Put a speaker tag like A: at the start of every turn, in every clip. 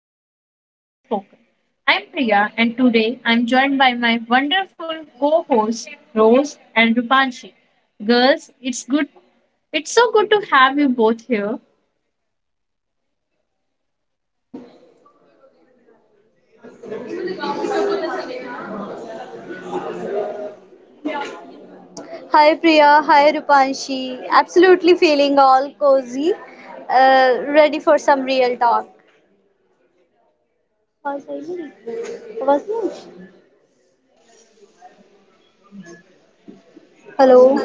A: Heartstring Unspoken. I'm Priya, and today I'm joined by my wonderful co-hosts Rose and Rupanshi. Girls, it's good. It's so good to have you both here.
B: Hi Priya, hi Rupanshi. Absolutely feeling all cozy, ready for some real talk. Hello.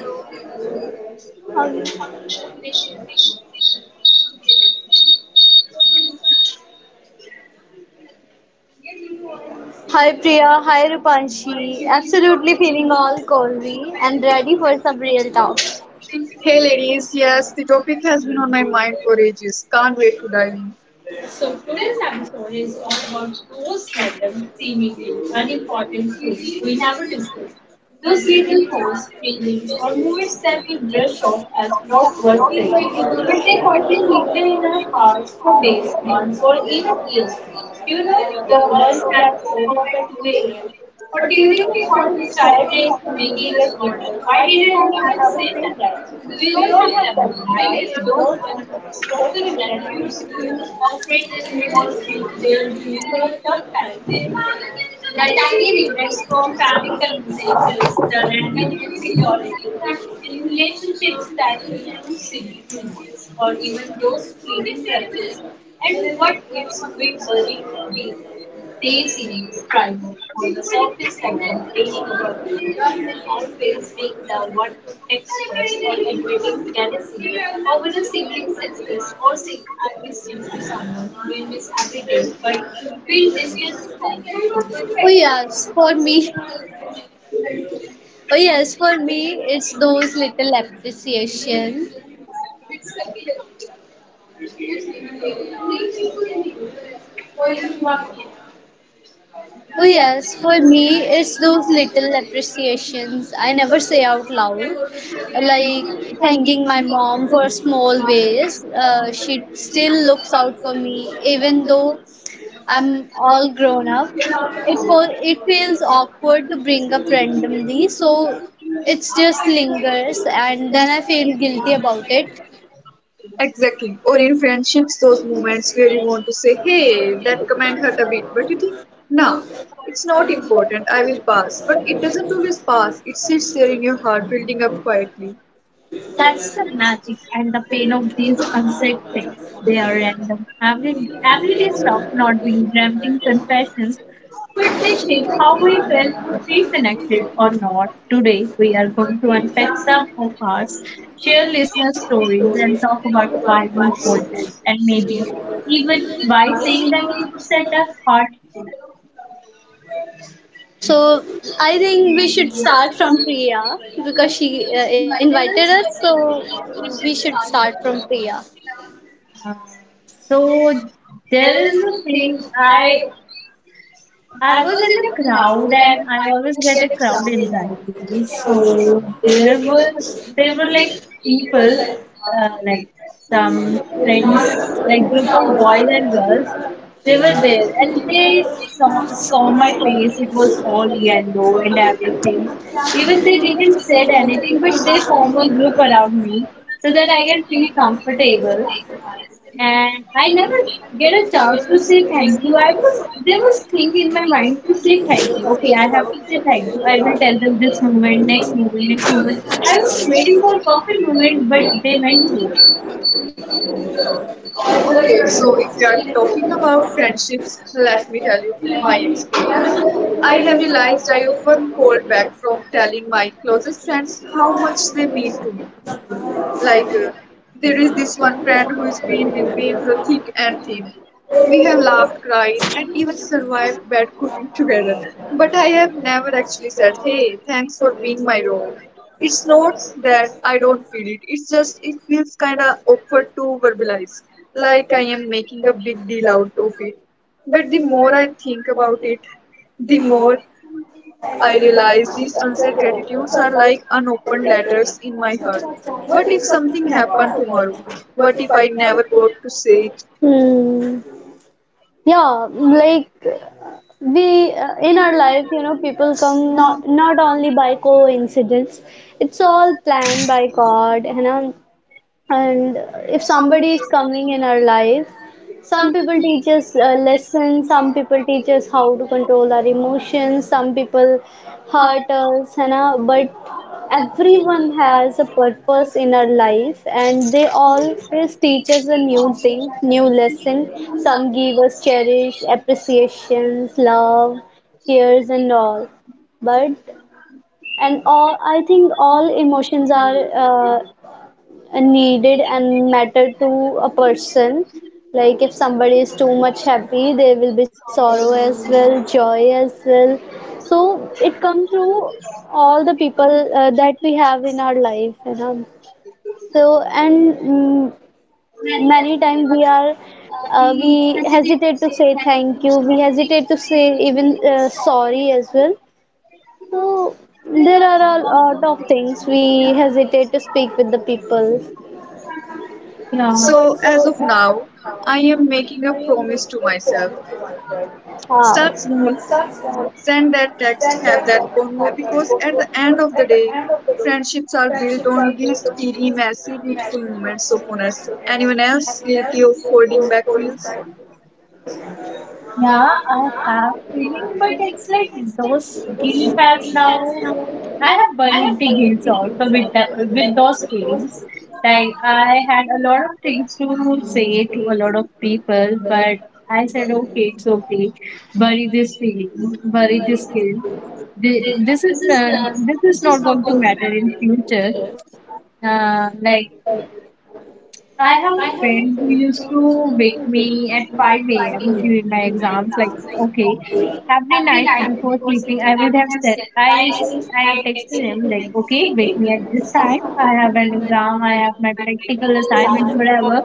B: Hi Priya, hi Rupanshi. Absolutely feeling all cozy and ready for some real talk.
C: Hey ladies, yes, the topic has been on my mind for ages. Can't wait to dive in.
B: Oh yes, for me. Oh yes, for me, it's those little appreciation. Oh, yes, for me, it's those little appreciations I never say out loud, like thanking my mom for small ways. She still looks out for me, even though I'm all grown up. It feels awkward to bring up randomly, so it just lingers, and then I feel guilty about it.
C: Exactly. Or in friendships, those moments where you want to say, hey, that comment hurt a bit, but you think, nah, it's not important, I will pass. But it doesn't always pass, it sits there in your heart, building up quietly.
A: That's the magic and the pain of these unsaid things. They are random, everyday stuff, not being dramatic sensations, but they shape how we feel, feel connected or not. Today, we are going to unpack some of our share listener stories and talk about why we hold them, and maybe even why saying them could set a heart.
B: So I think we should start from Priya because she invited us. So we should start from Priya.
A: Uh, so, there is a thing I was in a crowd and I always get a crowd anxiety. So there were like people, like some friends, like group of boys and girls. They were there and they saw my face. It was all yellow and everything. Even they didn't said anything, but they form a group around me so that I can feel comfortable and I never get a chance to say thank you. I was there was thing in my mind to say thank you. Okay, I have to say thank you. I will tell them this moment, next moment, next moment. I was waiting for perfect moment, but they went through.
C: Okay, so if you are talking about friendships, let me tell you my experience. I have realized I often hold back from telling my closest friends how much they mean to me. Like, uh, there is this one friend who's been with me through thick and thin. We have laughed, cried, and even survived bad cooking together. But I have never actually said, hey, thanks for being my rogue. It's not that I don't feel it, it's just it feels kinda awkward to verbalize, like I am making a big deal out of it. But the more I think about it, the more I realize these unsaid gratitudes are like unopened letters in my heart. What if something happened tomorrow? What if I never got to say it?
B: Hmm. Yeah, like we in our life, you know, people come not only by coincidence. It's all planned by God, you know. And if somebody is coming in our life, some people teach us lessons, some people teach us how to control our emotions, some people hurt us, है ना? But everyone has a purpose in our life and they always teach us a new thing, new lesson. Some give us cherish, appreciations, love, cheers and all, but and all I think all emotions are uh, needed and matter to a person, like if somebody is too much happy, there will be sorrow as well, joy as well, so it comes through all the people that we have in our life, you know. So and many times we are we hesitate to say thank you, we hesitate to say even sorry as well, so there are a lot of things we hesitate to speak with the people.
A: Yeah. So
C: So, as of now,
A: I
C: I am
A: am.
C: making a promise to myself.
B: Wow.
C: Start small, send that text, have that convo, because at the end of the day, friendships are built on these teeny, messy, beautiful moments of honesty. Anyone else guilty of holding back feels?
A: Yeah, I have feeling, but it's like those guilt has now. I have buried the guilt also with with those feelings. Like I had a lot of things to say to a lot of people, but I said, okay, it's okay. Bury this feeling, bury this guilt. This is this is not going to matter in future. Like I have a friend who used to wake me at 5 a.m. during my exams. Like, okay, every night before sleeping, I would have said, I texted him, like, okay, wake me at this time. I have an exam, I have my practical assignment, whatever.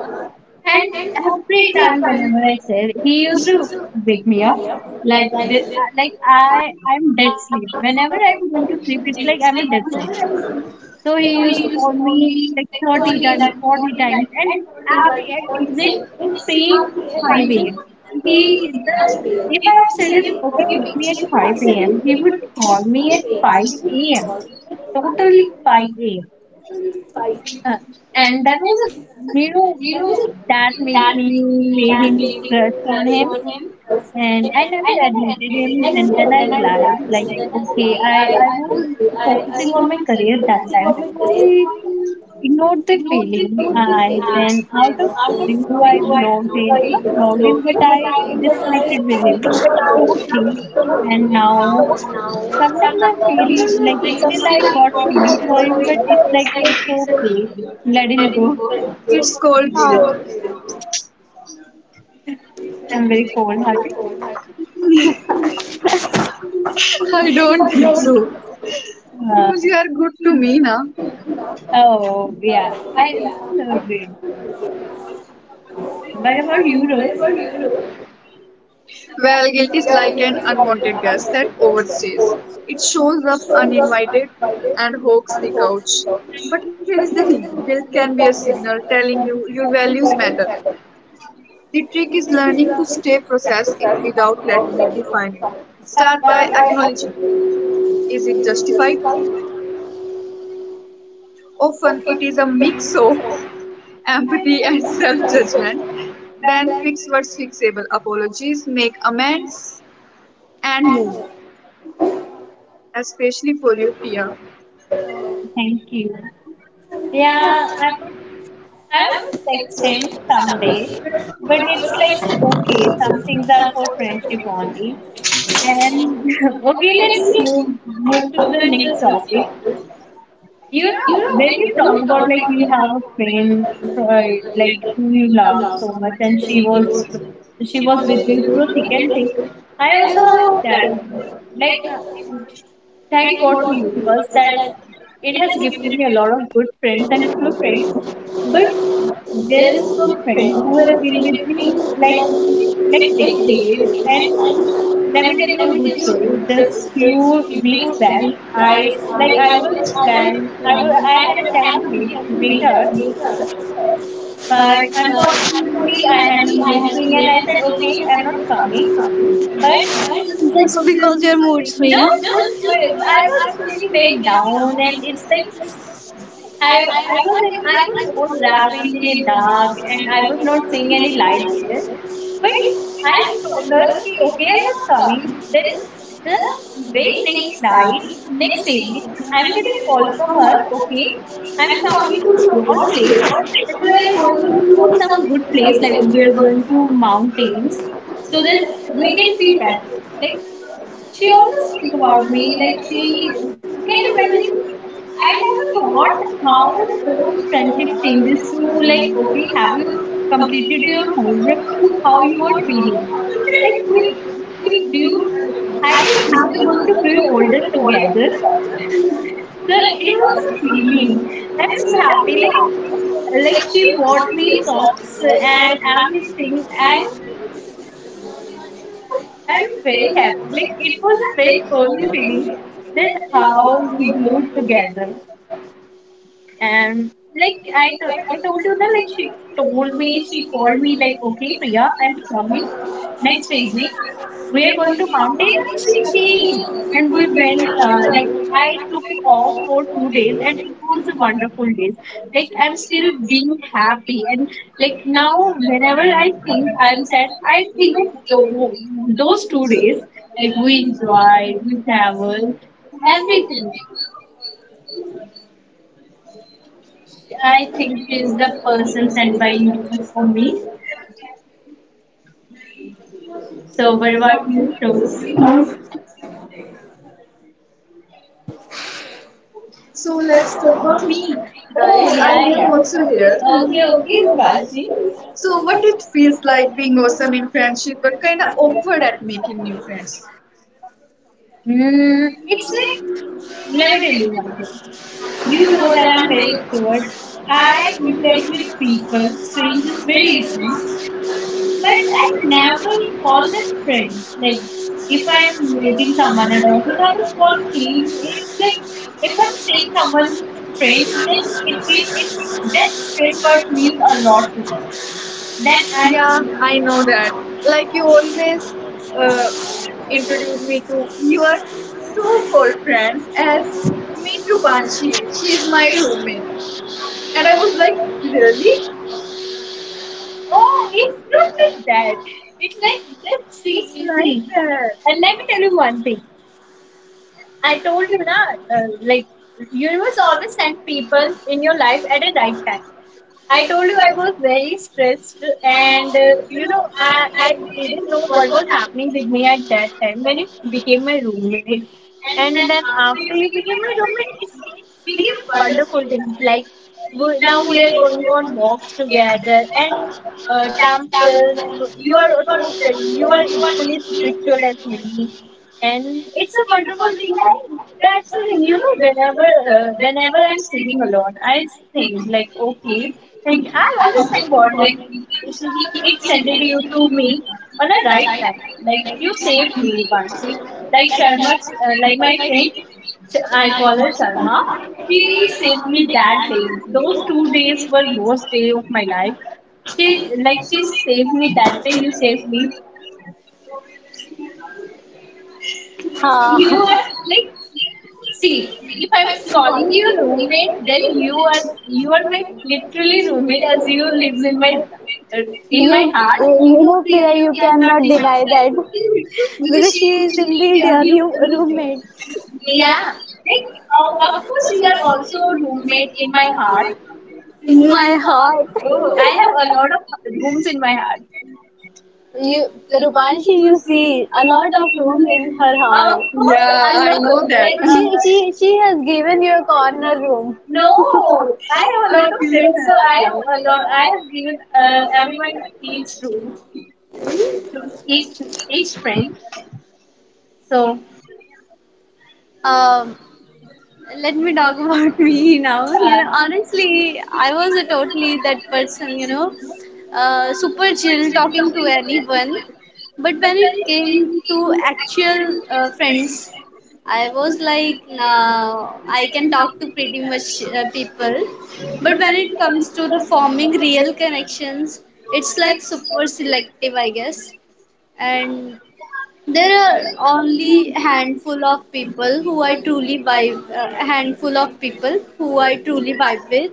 A: And every time, whenever I said, he used to wake me up. Like, the, like I'm dead sleep. Whenever I'm going to sleep, it's like I'm a dead person. So he used to call me like 30 times, 40 times, and every and exact same 5 a.m. He, the, if I have said him, okay, wake me at 5 a.m., he would call me at 5 a.m., totally 5 a.m. Uh, and that was a, you know, made him crush on him. And I never admitted him, and then I realized, like, okay, I was focusing on my career that time, so I ignored the feeling. I then out of you, not blocked him, but I disconnected with him totally. And now sometimes I feel like still I got feeling for him, but it's like it's okay. Let him go.
C: It's called guilt.
A: I'm very cold hearted.
C: I don't think so.
A: Uh,
C: Because you are good to me, na?
A: oh yeah, I agree. What about you,
C: Well, guilt is
A: Rose?
C: like an unwanted guest that overstays. It shows up uninvited and hogs the couch. But here is the thing, guilt can be a signal telling you your values matter. The trick is learning to stay process it without letting it define you. Start by acknowledging it. Is it justified? Often it is a mix of empathy and self judgment. Then fix what's fixable. Apologies, make amends, and move. Especially for you, Priya.
A: Oh, thank you. Yeah, I would text him someday, but it's like okay, some things are for friendship only. And okay, let's move to the next topic. You know, when you talk about like you have a friend like whom you love so much, and she was with you through thick and thin. I also have that one friend. Like, thank God to universe that it has gifted me a lot of good friends and true friends. But there is a friend who has been with me like decades, and let me tell you a good story. Just few weeks back, I like I was plan I was I had a plan to meet her, but unfortunately I had a mood swing and I said okay I'm not coming. But
B: Just because your mood swings.
A: not just I was feeling very down and it's like I was in, I was all wrapped in a dark and I was not seeing any light there. But I told her, "Ki, okay, I'm not coming. Then the very next night, next evening, I'm getting a call from her, okay, I'm coming to your place and we are going to some good place, like we are going to mountains, so that we can feel better. Like she always think about me, like she can you imagine I never thought how those friendship changes to like, okay, have you completed your homework to how you are feeling? It's like we grew I think we are going to grow older together. So it was a feeling. I'm so happy. Like she bought me socks and everything. I'm very happy. Like it was a very cozy feeling that how we glued together. And like I, I told you that like she told me, she called me like, okay, Priya, I'm coming next evening. We are going to mountain, and she came, and we went. Like I took off for 2 days, and it was a wonderful day. Like I'm still being happy, and like now whenever I think I'm sad, I think of those 2 days. Like we enjoyed, we traveled, everything I think she's the person sent by universe for me. So what about you, Rose?
C: So let's talk about me,
A: Oh
C: guys. I
A: yeah,
C: am
A: yeah.
C: also here.
A: Okay, okay, Rupashi.
C: So what it feels like being awesome in friendship, but kind of awkward at making new friends.
A: Mm, it's like let me tell you one thing. You know that I'm very extrovert. I interact with people, strangers, very easily. But I never call them friends. Like if I'm meeting someone at office, I will call friends. It's like if I'm saying someone friend, then it means it that friend word means a lot to me. Then I
C: Yeah, I know that.
A: like.
C: Like you always uh, introduce me to your so-called friends as Mitru Panshi. She is my roommate. And I was like, really?
A: Oh,
C: Oh,
A: it's
C: it's
A: not
C: not
A: like
C: like
A: that. It's like that.
C: it's
A: See,
C: like
A: see.
C: that.
A: And let me tell you one thing. I told you that, like, universe always send people in your life at a right time. I told you I was very stressed, and you know, I didn't know what was happening with me at that time when you became my roommate. And then after you became my roommate, it's became wonderful things. Like we, now we are going on walks together, and temples. You are a total. You are equally spiritual as me, and it's a wonderful thing. And that's the thing, you know. Whenever, whenever I'm sitting alone, I think like, okay, and I always thank God. Like, it's- it sent you to me on a right time. Like, you saved me, Rubanshi. Like Sharma, like my friend. I call her Sharma. She saved me that day. Those 2 days were worst day of my life. She saved me that day. You saved me.
B: Ha.
A: You are like see. If I'm calling you roommate, then you are my literally roommate as you live uh, in
B: You,
A: my heart.
B: you know, Priya, you cannot deny that. Because she is indeed your roommate
A: Yeah. Like, oh, of course, you are also roommate in my heart.
B: in my heart.
A: Oh, I have a lot of rooms in my heart.
C: You,
B: You,
C: Panshi
B: Rupanshi,
C: will
B: you
C: see
B: see a
C: a lot
B: lot
C: of
B: of
C: rooms
B: room
C: in
B: in
C: her
B: her
A: Of
B: heart.
C: house.
A: course,
C: Yeah,
A: I
C: I
A: love
C: know that.
A: like
C: And
B: She,
C: she
B: she
C: has
B: has
C: given
B: given
C: you
B: you a
C: a corner.
B: corner room.
C: No,
A: no, I
C: I, have
A: have a
C: I
A: lot
C: not
A: of
C: feel
A: friends, so I
C: that.
A: have a lot. I have given everyone each room. To each each friend.
B: Um, Let me talk about me now, you know,
A: Uh,
B: honestly I was a totally that person, you know, super chill talking to anyone, but when it came to actual friends, I was like now I can talk to pretty much people, but when it comes to the forming real connections, it's like super selective, I guess. And there are only handful of people who I truly vibe with,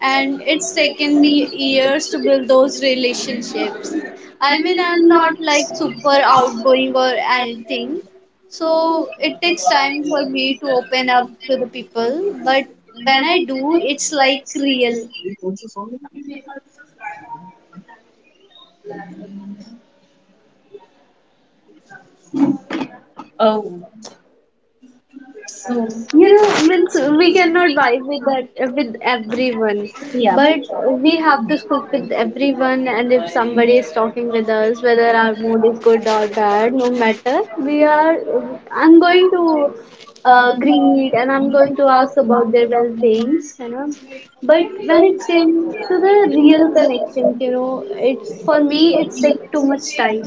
B: and it's taken me years to build those relationships. I mean, I'm not like super outgoing or anything, so it takes time for me to open up to the people. But when I do, it's like real.
A: oh, so
B: You know, means we
A: yeah,
B: cannot vibe with that with everyone,
A: yeah.
B: but we have to speak with everyone. And if somebody is talking with us, whether our mood is good or bad, no matter, we are. I'm going to greet and I'm going to ask about their well beings, you know. But when it came to the real connections, you know, it's for me it takes too much time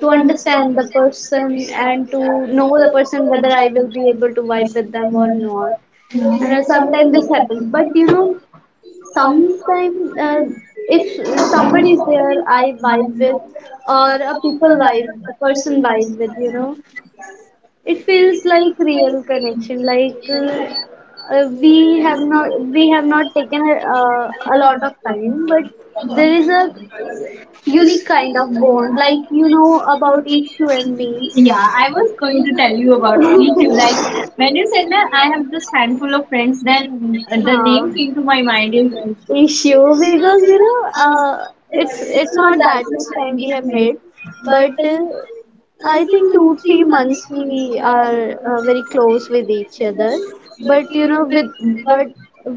B: to understand the person and to know the person whether I will be able to vibe with them or not. And sometimes this happens, but sometimes if somebody is there, I vibe with, or a people vibe, a person vibe with, you know, it feels like real connection, like. We have not taken a lot of time, but there is a unique kind of bond, like you know about Ishu and me.
A: I was going to tell you about me too. Like when you said that I have just handful of friends, then the name
B: Uh,
A: came to my mind is.
B: Issue, because you know it's not that much time we have made, but I think 2-3 months we are very close with each other, but you know with, but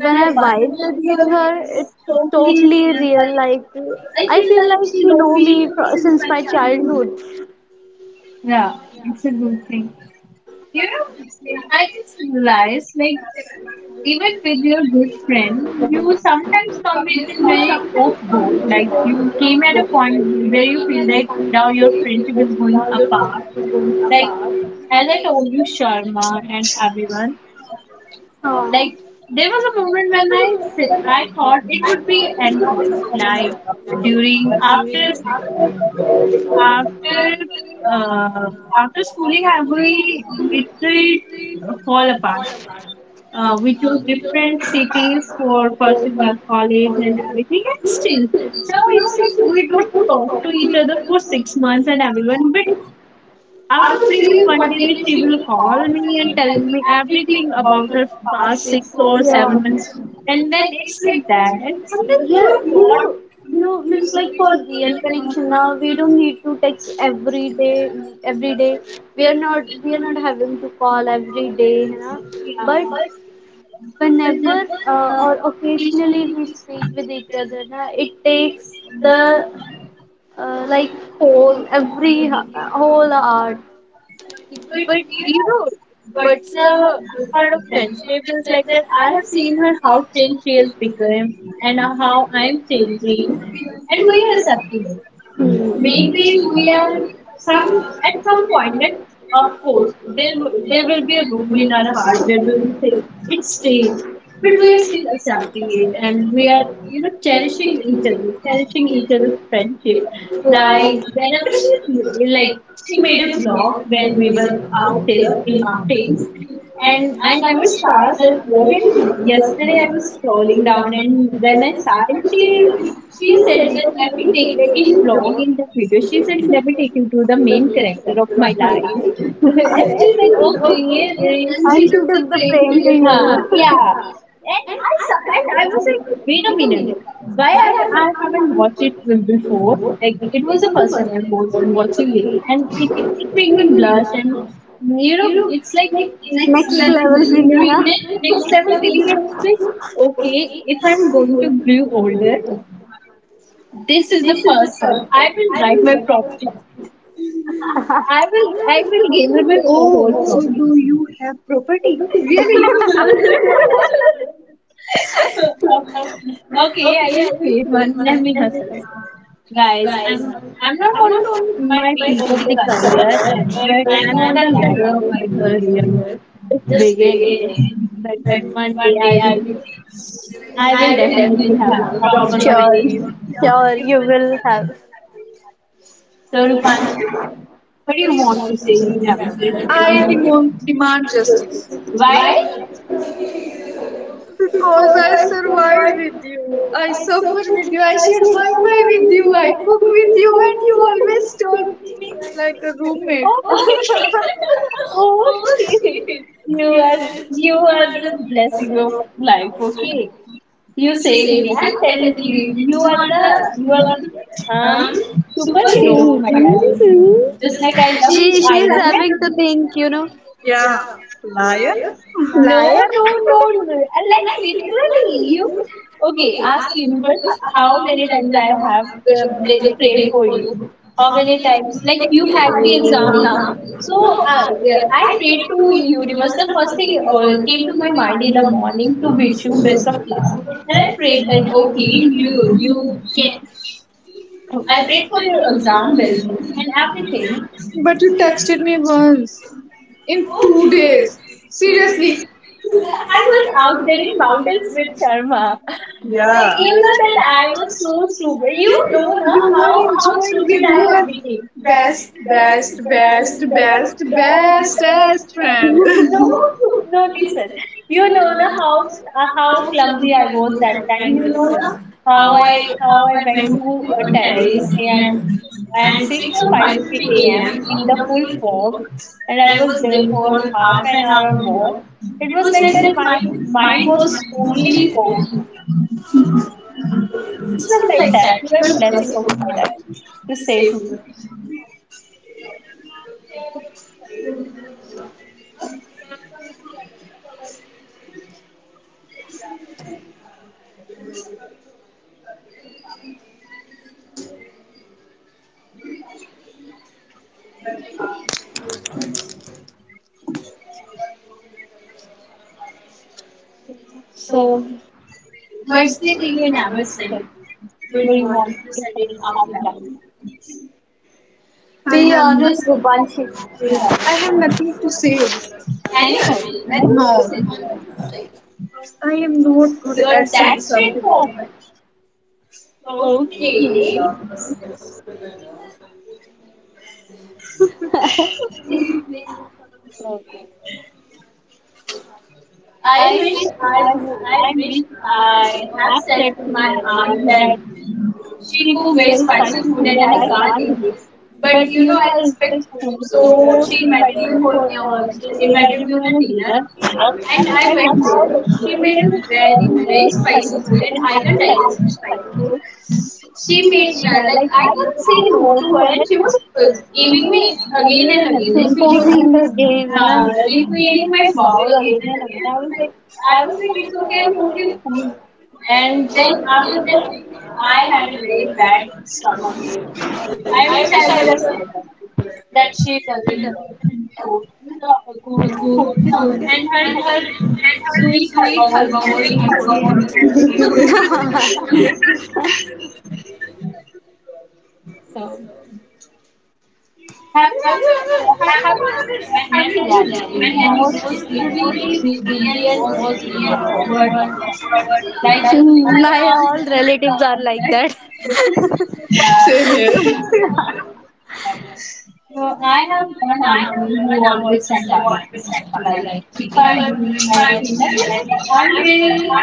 B: when I vibe with her, it's totally real, like I feel like she know me since my childhood.
A: Yeah, it's a good thing. You know, I just realized, like, even with your good friend, you sometimes come with a very off board. Like, you came at a point where you feel that now your friendship is going apart. Like, as I told you, Sharma and everyone,
B: uh,
A: like, there was a moment when I, I thought it would be an end point. Like, during, after, after, uh, after schooling, I will literally fall apart. We chose different cities for pursuing our college and everything, and still now it's like we don't talk to each other for 6 months and everyone. But out of really one day, where she will call me and tell me everything about her past six or seven
B: yeah.
A: months, and then it's like that. And sometimes
B: Yeah,
A: you
B: you
A: thought
B: know, means like for real connection now, we don't need to text every day. Every day, we are not, having to call every day, you know.
A: yeah.
B: But whenever or
A: Automation,
B: occasionally we speak
A: artificial
B: with each
A: intelligence,
B: other, na,
A: it
B: it
A: takes
B: takes
A: the like,
B: the like
A: thing,
B: whole hour.
A: uh, but you know, what's the good part of friendship is like that I have seen her how changed she has become and how I'm changing, and we are separate.
B: Hmm.
A: Maybe we are some at some point that of course there will be a room in our heart where we will say it's strange, but we are still accepting it and we are you know cherishing each other, cherishing each other's friendship.
B: Yeah,
A: Like
B: nice.
A: whenever she like she made a vlog when we were out there in mountains and I never saw this vlog. And yesterday I was scrolling down and then I saw it. She said, let me take it in vlog in this video. She said, let me take you to the main character of my life. And she said, okay, yeah,
B: And she took the frame to
A: this, huh,
B: you.
A: yeah. And I saw, and I was like, wait a minute. Why I, I haven't watched it before? Like it was the first time I'm watching it, and it made me blush and you know it's like next
B: Next level
A: level,
B: feeling,
A: next
B: huh?
A: level feeling is like, okay, if I'm going to grow older, this is the person. I will write my property. I will give him his
C: Oh,
A: whole property.
C: you have property?
A: Okay, I will create one. Let me hustle it. Guys, I'm not on my peak of the career but I'm on the ladder of my career. It's beginning. But one day I will definitely have a copy on my name.
B: Sure, you will have.
A: So, Rupan, what do you want to say? You never said.
C: I demand, demand justice.
A: Why?
C: Because I survive with you. I suffer with you. I share
A: Okay.
C: Wi Fi with you. I cook with you, and you always told me like a roommate.
A: Okay. You are the blessing of life. Okay. You saved me. I'm telling you, you are the um
B: You
A: superhero of
B: know,
A: my
B: my
A: life.
B: life.
A: It's like I
B: And
A: love
B: She I is
A: Iron
B: having
A: Man.
B: to think, you know.
C: Yeah, liar.
A: No,
B: Liar.
A: no, no, no. And like literally, you okay? Ask universe how many times I have prayed for you. How many times? Like you had the exam now. So yeah, I prayed to universe. The first thing came to my mind in the morning to wish you best of luck. And I prayed that okay, you I prayed for your exam well and everything.
C: But you texted me once in 2 days. Seriously.
A: I was out there in mountains with Sharma. Yeah.
C: Yeah.
A: Like you
C: You
A: know
C: know that
A: that
C: I
A: I was
C: was.
A: so stupid. You
C: You
A: know na,
C: were
A: how
C: enjoying
A: stupid
C: with
A: I have
C: your
A: become. Best, best, best, best,
C: bestest
A: best.
C: friend.
A: No, no. Listen, you know na how clumsy I was that time. You know na how I went to a terrace. Eh, I At 6 or 5 a.m. in the full fog, and I was there for half an hour or more. It was like that my mind was only foggy. It's not like that. You are
C: of
A: a blessing of
C: my
A: my
C: life.
A: life to
C: He
A: save
C: says
A: me.
C: nothing.
A: So, what's the thing you never ourselves where you want to say it out loud?
C: I He
B: Be
C: have always
B: honest, Rupanshi.
A: Yeah.
B: She's
C: I have nothing to say. Anyone?
A: Anyway, that's
C: Anyone? No,
A: but
C: says nothing. I am not good. You're at saying taxing
A: that's
C: something.
A: it
C: For
A: for okay. Okay. I wish I would, I wish I have said to my aunt that she cooks very spicy food and I can't eat. But you know, I respect her. So she invited me for she invited me on a dinner and I went there. She made a very, very spicy food and I can not digest spicy food. She made like I couldn't say no to her and she was giving me again and
B: pouring
A: again.
B: the game, na?
A: Repeating my vowel again and again. I was like, this okay, I'm totally cool. And then after that, I had a very bad stomach. I wish I would have said that, that she doesn't go coaches doing her was actually not so. Have you ever have you ever met any relative who was literally clingy and was being awkward like?
B: My all relatives are like that.
A: Yeah,
C: same here.
A: right. So
C: So
A: I
C: I
A: have one
C: I'm
A: uncle who always stand by my side. Like if I'm
C: I'm.
A: doing anything, like if I'm wearing,
C: Wearing,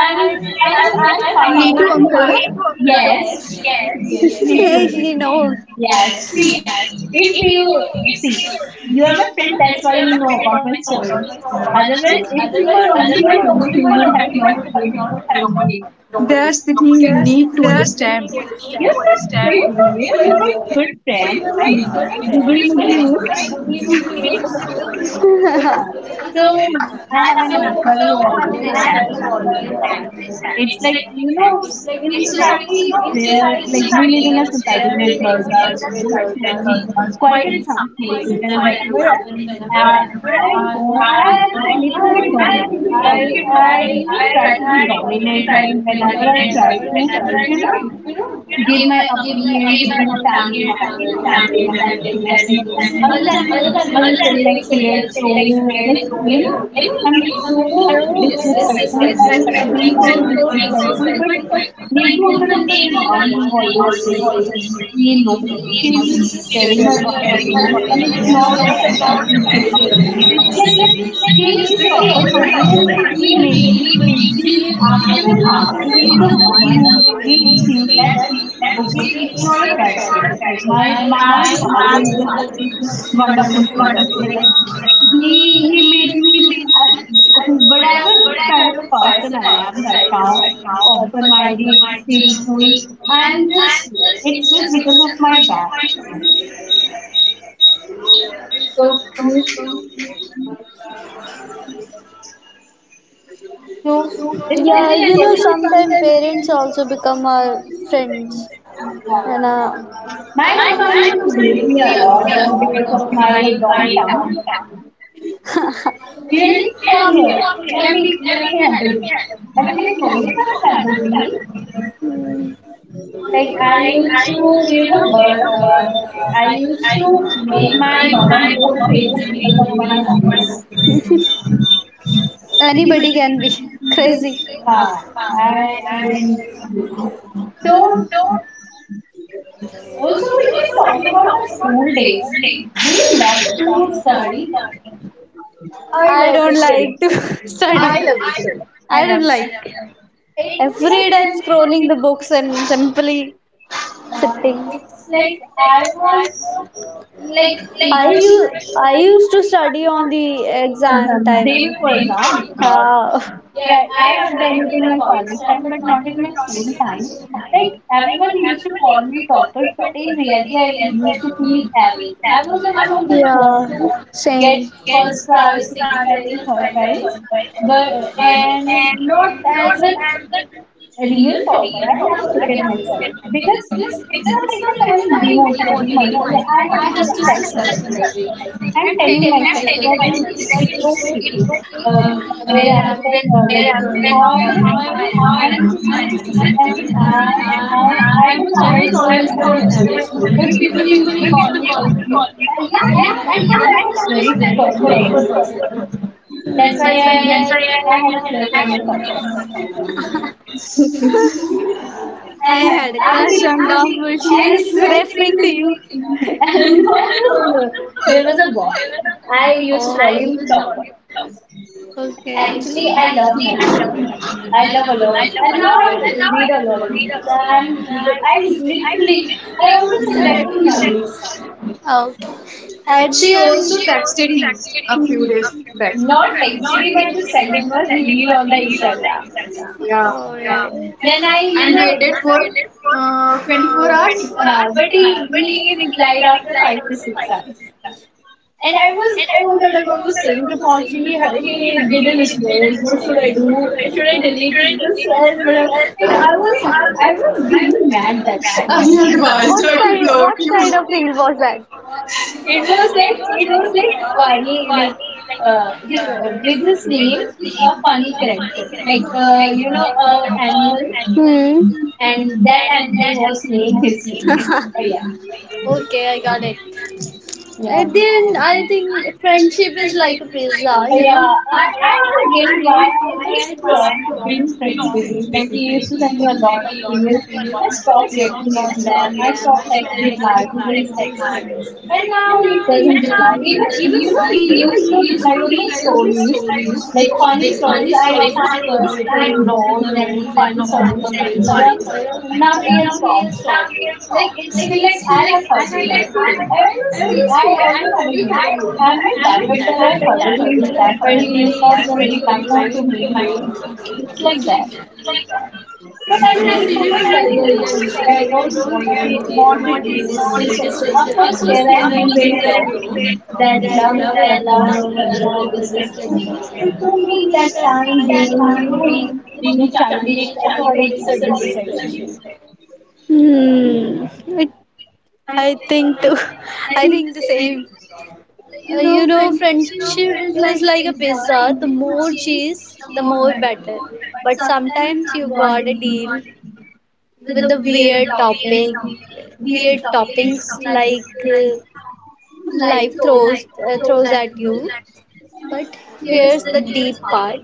C: I
A: I'm
C: mean,
A: I
C: I
A: like I
C: guess I'm. Have.
A: fight.
C: Need to uncle, na?
A: Yes,
B: Yes,
A: yes, me too.
B: you know.
A: Yes, see, if you see, you are my friend. That's why you know about my story. Otherwise, if you were only my roommate, you would have not known it.
C: That's the thing you need to understand.
A: You're not my roommate, you're my good friend, my googly moogly moog. Uh, so I have an uncle who always stands by me. Like it's like you know, in society where like we live in a society where girls are so stupidly quiet at some places, and whenever I I go, I am a little bit dominant. I you know try to be dominant, and whenever I try to you know give my opinions in family matters and in practice. You know, other relatives will say like Priya is so like you know I'm so disrespectful. I'm being so disrespectful, but Neetu uncle is the one who always says you know, she's just sharing her opinion, and it's not a bad thing to share opinions. It's like that she's very open minded, and she made me. She's after my father. He's the one who made me think that okay, it's not a bad thing. Like my father is a wonderful person. Like he made me whatever kind of person I am right now, open-minded, thankful, and just it's just because of my dad. So is there
B: Yeah,
A: any
B: you know,
A: person?
B: sometimes parents also become our friends. Yeah.
A: Yeah.
B: And
A: My mama used to beat me a lot of because of my long tongue. Really? Need to come here. Let me handle you. I mean, like, no, you can't handle me. Like I used to, you know, I used to make my mama go crazy because of my hobby.
B: anybody can be crazy.
A: Huh. I am too. So also we can talk about our school days. Do you love to stories?
C: I
B: I
C: love to
B: don't
C: study.
B: like to
A: I
C: I
B: study.
C: love to study.
A: I
B: I
A: love
B: don't like.
A: them. It was like
B: Every
A: that.
B: time scrolling the books and simply sitting.
A: It's like I was
B: I
A: sleeping
B: used, I used to study on the exam
A: exam, day
B: time.
A: before exam. Wow.
B: Uh,
A: Yeah, I have done it in my college time, but not in my school time. Like everyone used to call me topper, but in reality, I used to feel average. I was the one who just want to
B: yeah,
A: get
B: same.
A: first prize, second prize, and third prize, but and not as a real topper. I never look at myself because it's not like that I'm demotivating myself. I have this self-realization. I'm telling myself that it's okay. Uh, wherever, uh, like, however I am, I'm successful. And I, I, I was always a average student, but people used to call me topper. And yeah, at one point I was very proper person. That's why I had a crush on a topper.
C: Actually,
B: I had a
A: I
B: crush
A: literally,
B: on Doubtful. She is
A: I
B: referring to you.
A: literally, no, no, no. There was a boy. I used to call him topper.
B: Okay.
A: Actually, I love Nadi. I love a lot. And now I read a lot of books. I literally, I always attract to Nadi.
B: Oh. At the
C: also texted
B: end.
C: him a few days back.
A: Not actually by the sentiment real on the Instagram.
C: Yeah.
B: Oh,
A: Yeah.
B: yeah.
A: Then I, you know,
C: Waited for 24 hours.
A: but he replied after 5 to 6 hours. And I was all that I was saying to Paunchy, he didn't respond. What should I do? Should I delete it? This, that, whatever. Like, I was, I was being mad that time.
B: Yeah.
C: Advised.
B: What kind? What kind of reel was that?
A: It was like funny, like, uh, he, we just named a funny character. Like, animal,
B: Hmm.
A: that animal was named his name. So,
B: Okay, I got
A: yeah.
B: it.
A: Yeah.
B: At the end, I think friendship is like a pizza. You
A: Yeah,
B: know.
A: I have a guilt why I just stopped being friends with him. Like he used to send me a lot of emails. I stopped reacting on them. I stopped text replying to his text and now he doesn't reply. Even, you know, he used to reply on my stories, like funny stories. I always put vlogs and funny stories on my Instagram. And now he has stopped it. Like, it feel like I have hurted him. I always had a him. I'm my dad, but then I hurted him. That way he is not replying to me. It's like that. But I did it for my career now. I don't want it this, this like that. Of course, here I'm being very raw that love is the love or sex is a distraction. And for me, that time being, you know, being childish, I thought it's a distraction.
B: Hmm. It, I think too. I think the same. You know, friendship is like a pizza. The more cheese, the more better. But
A: And
B: sometimes you gotta deal with the weird topping, weird toppings like life throws at you. But
A: just,
B: here's the deep part.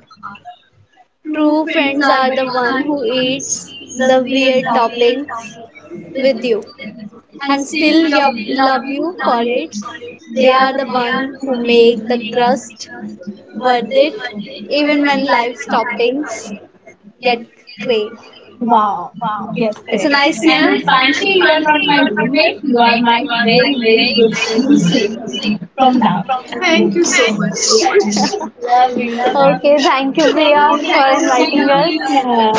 B: True friends are the one who eats the weird toppings with you, and still love you for it. They are the one who make the crust worth it, even when life's toppings get cray.
A: wow. Yes,
B: It's a
A: correct.
B: nice, you
A: And Panti,
B: know.
A: you are not my roommate. You are my very, very good friend who saved me from love.
C: Thank you
A: Okay?
C: so much.
A: Yeah, love you.
B: Okay, thank you,
A: Thank
B: Priya, for
A: you.
B: inviting us.
A: Yeah.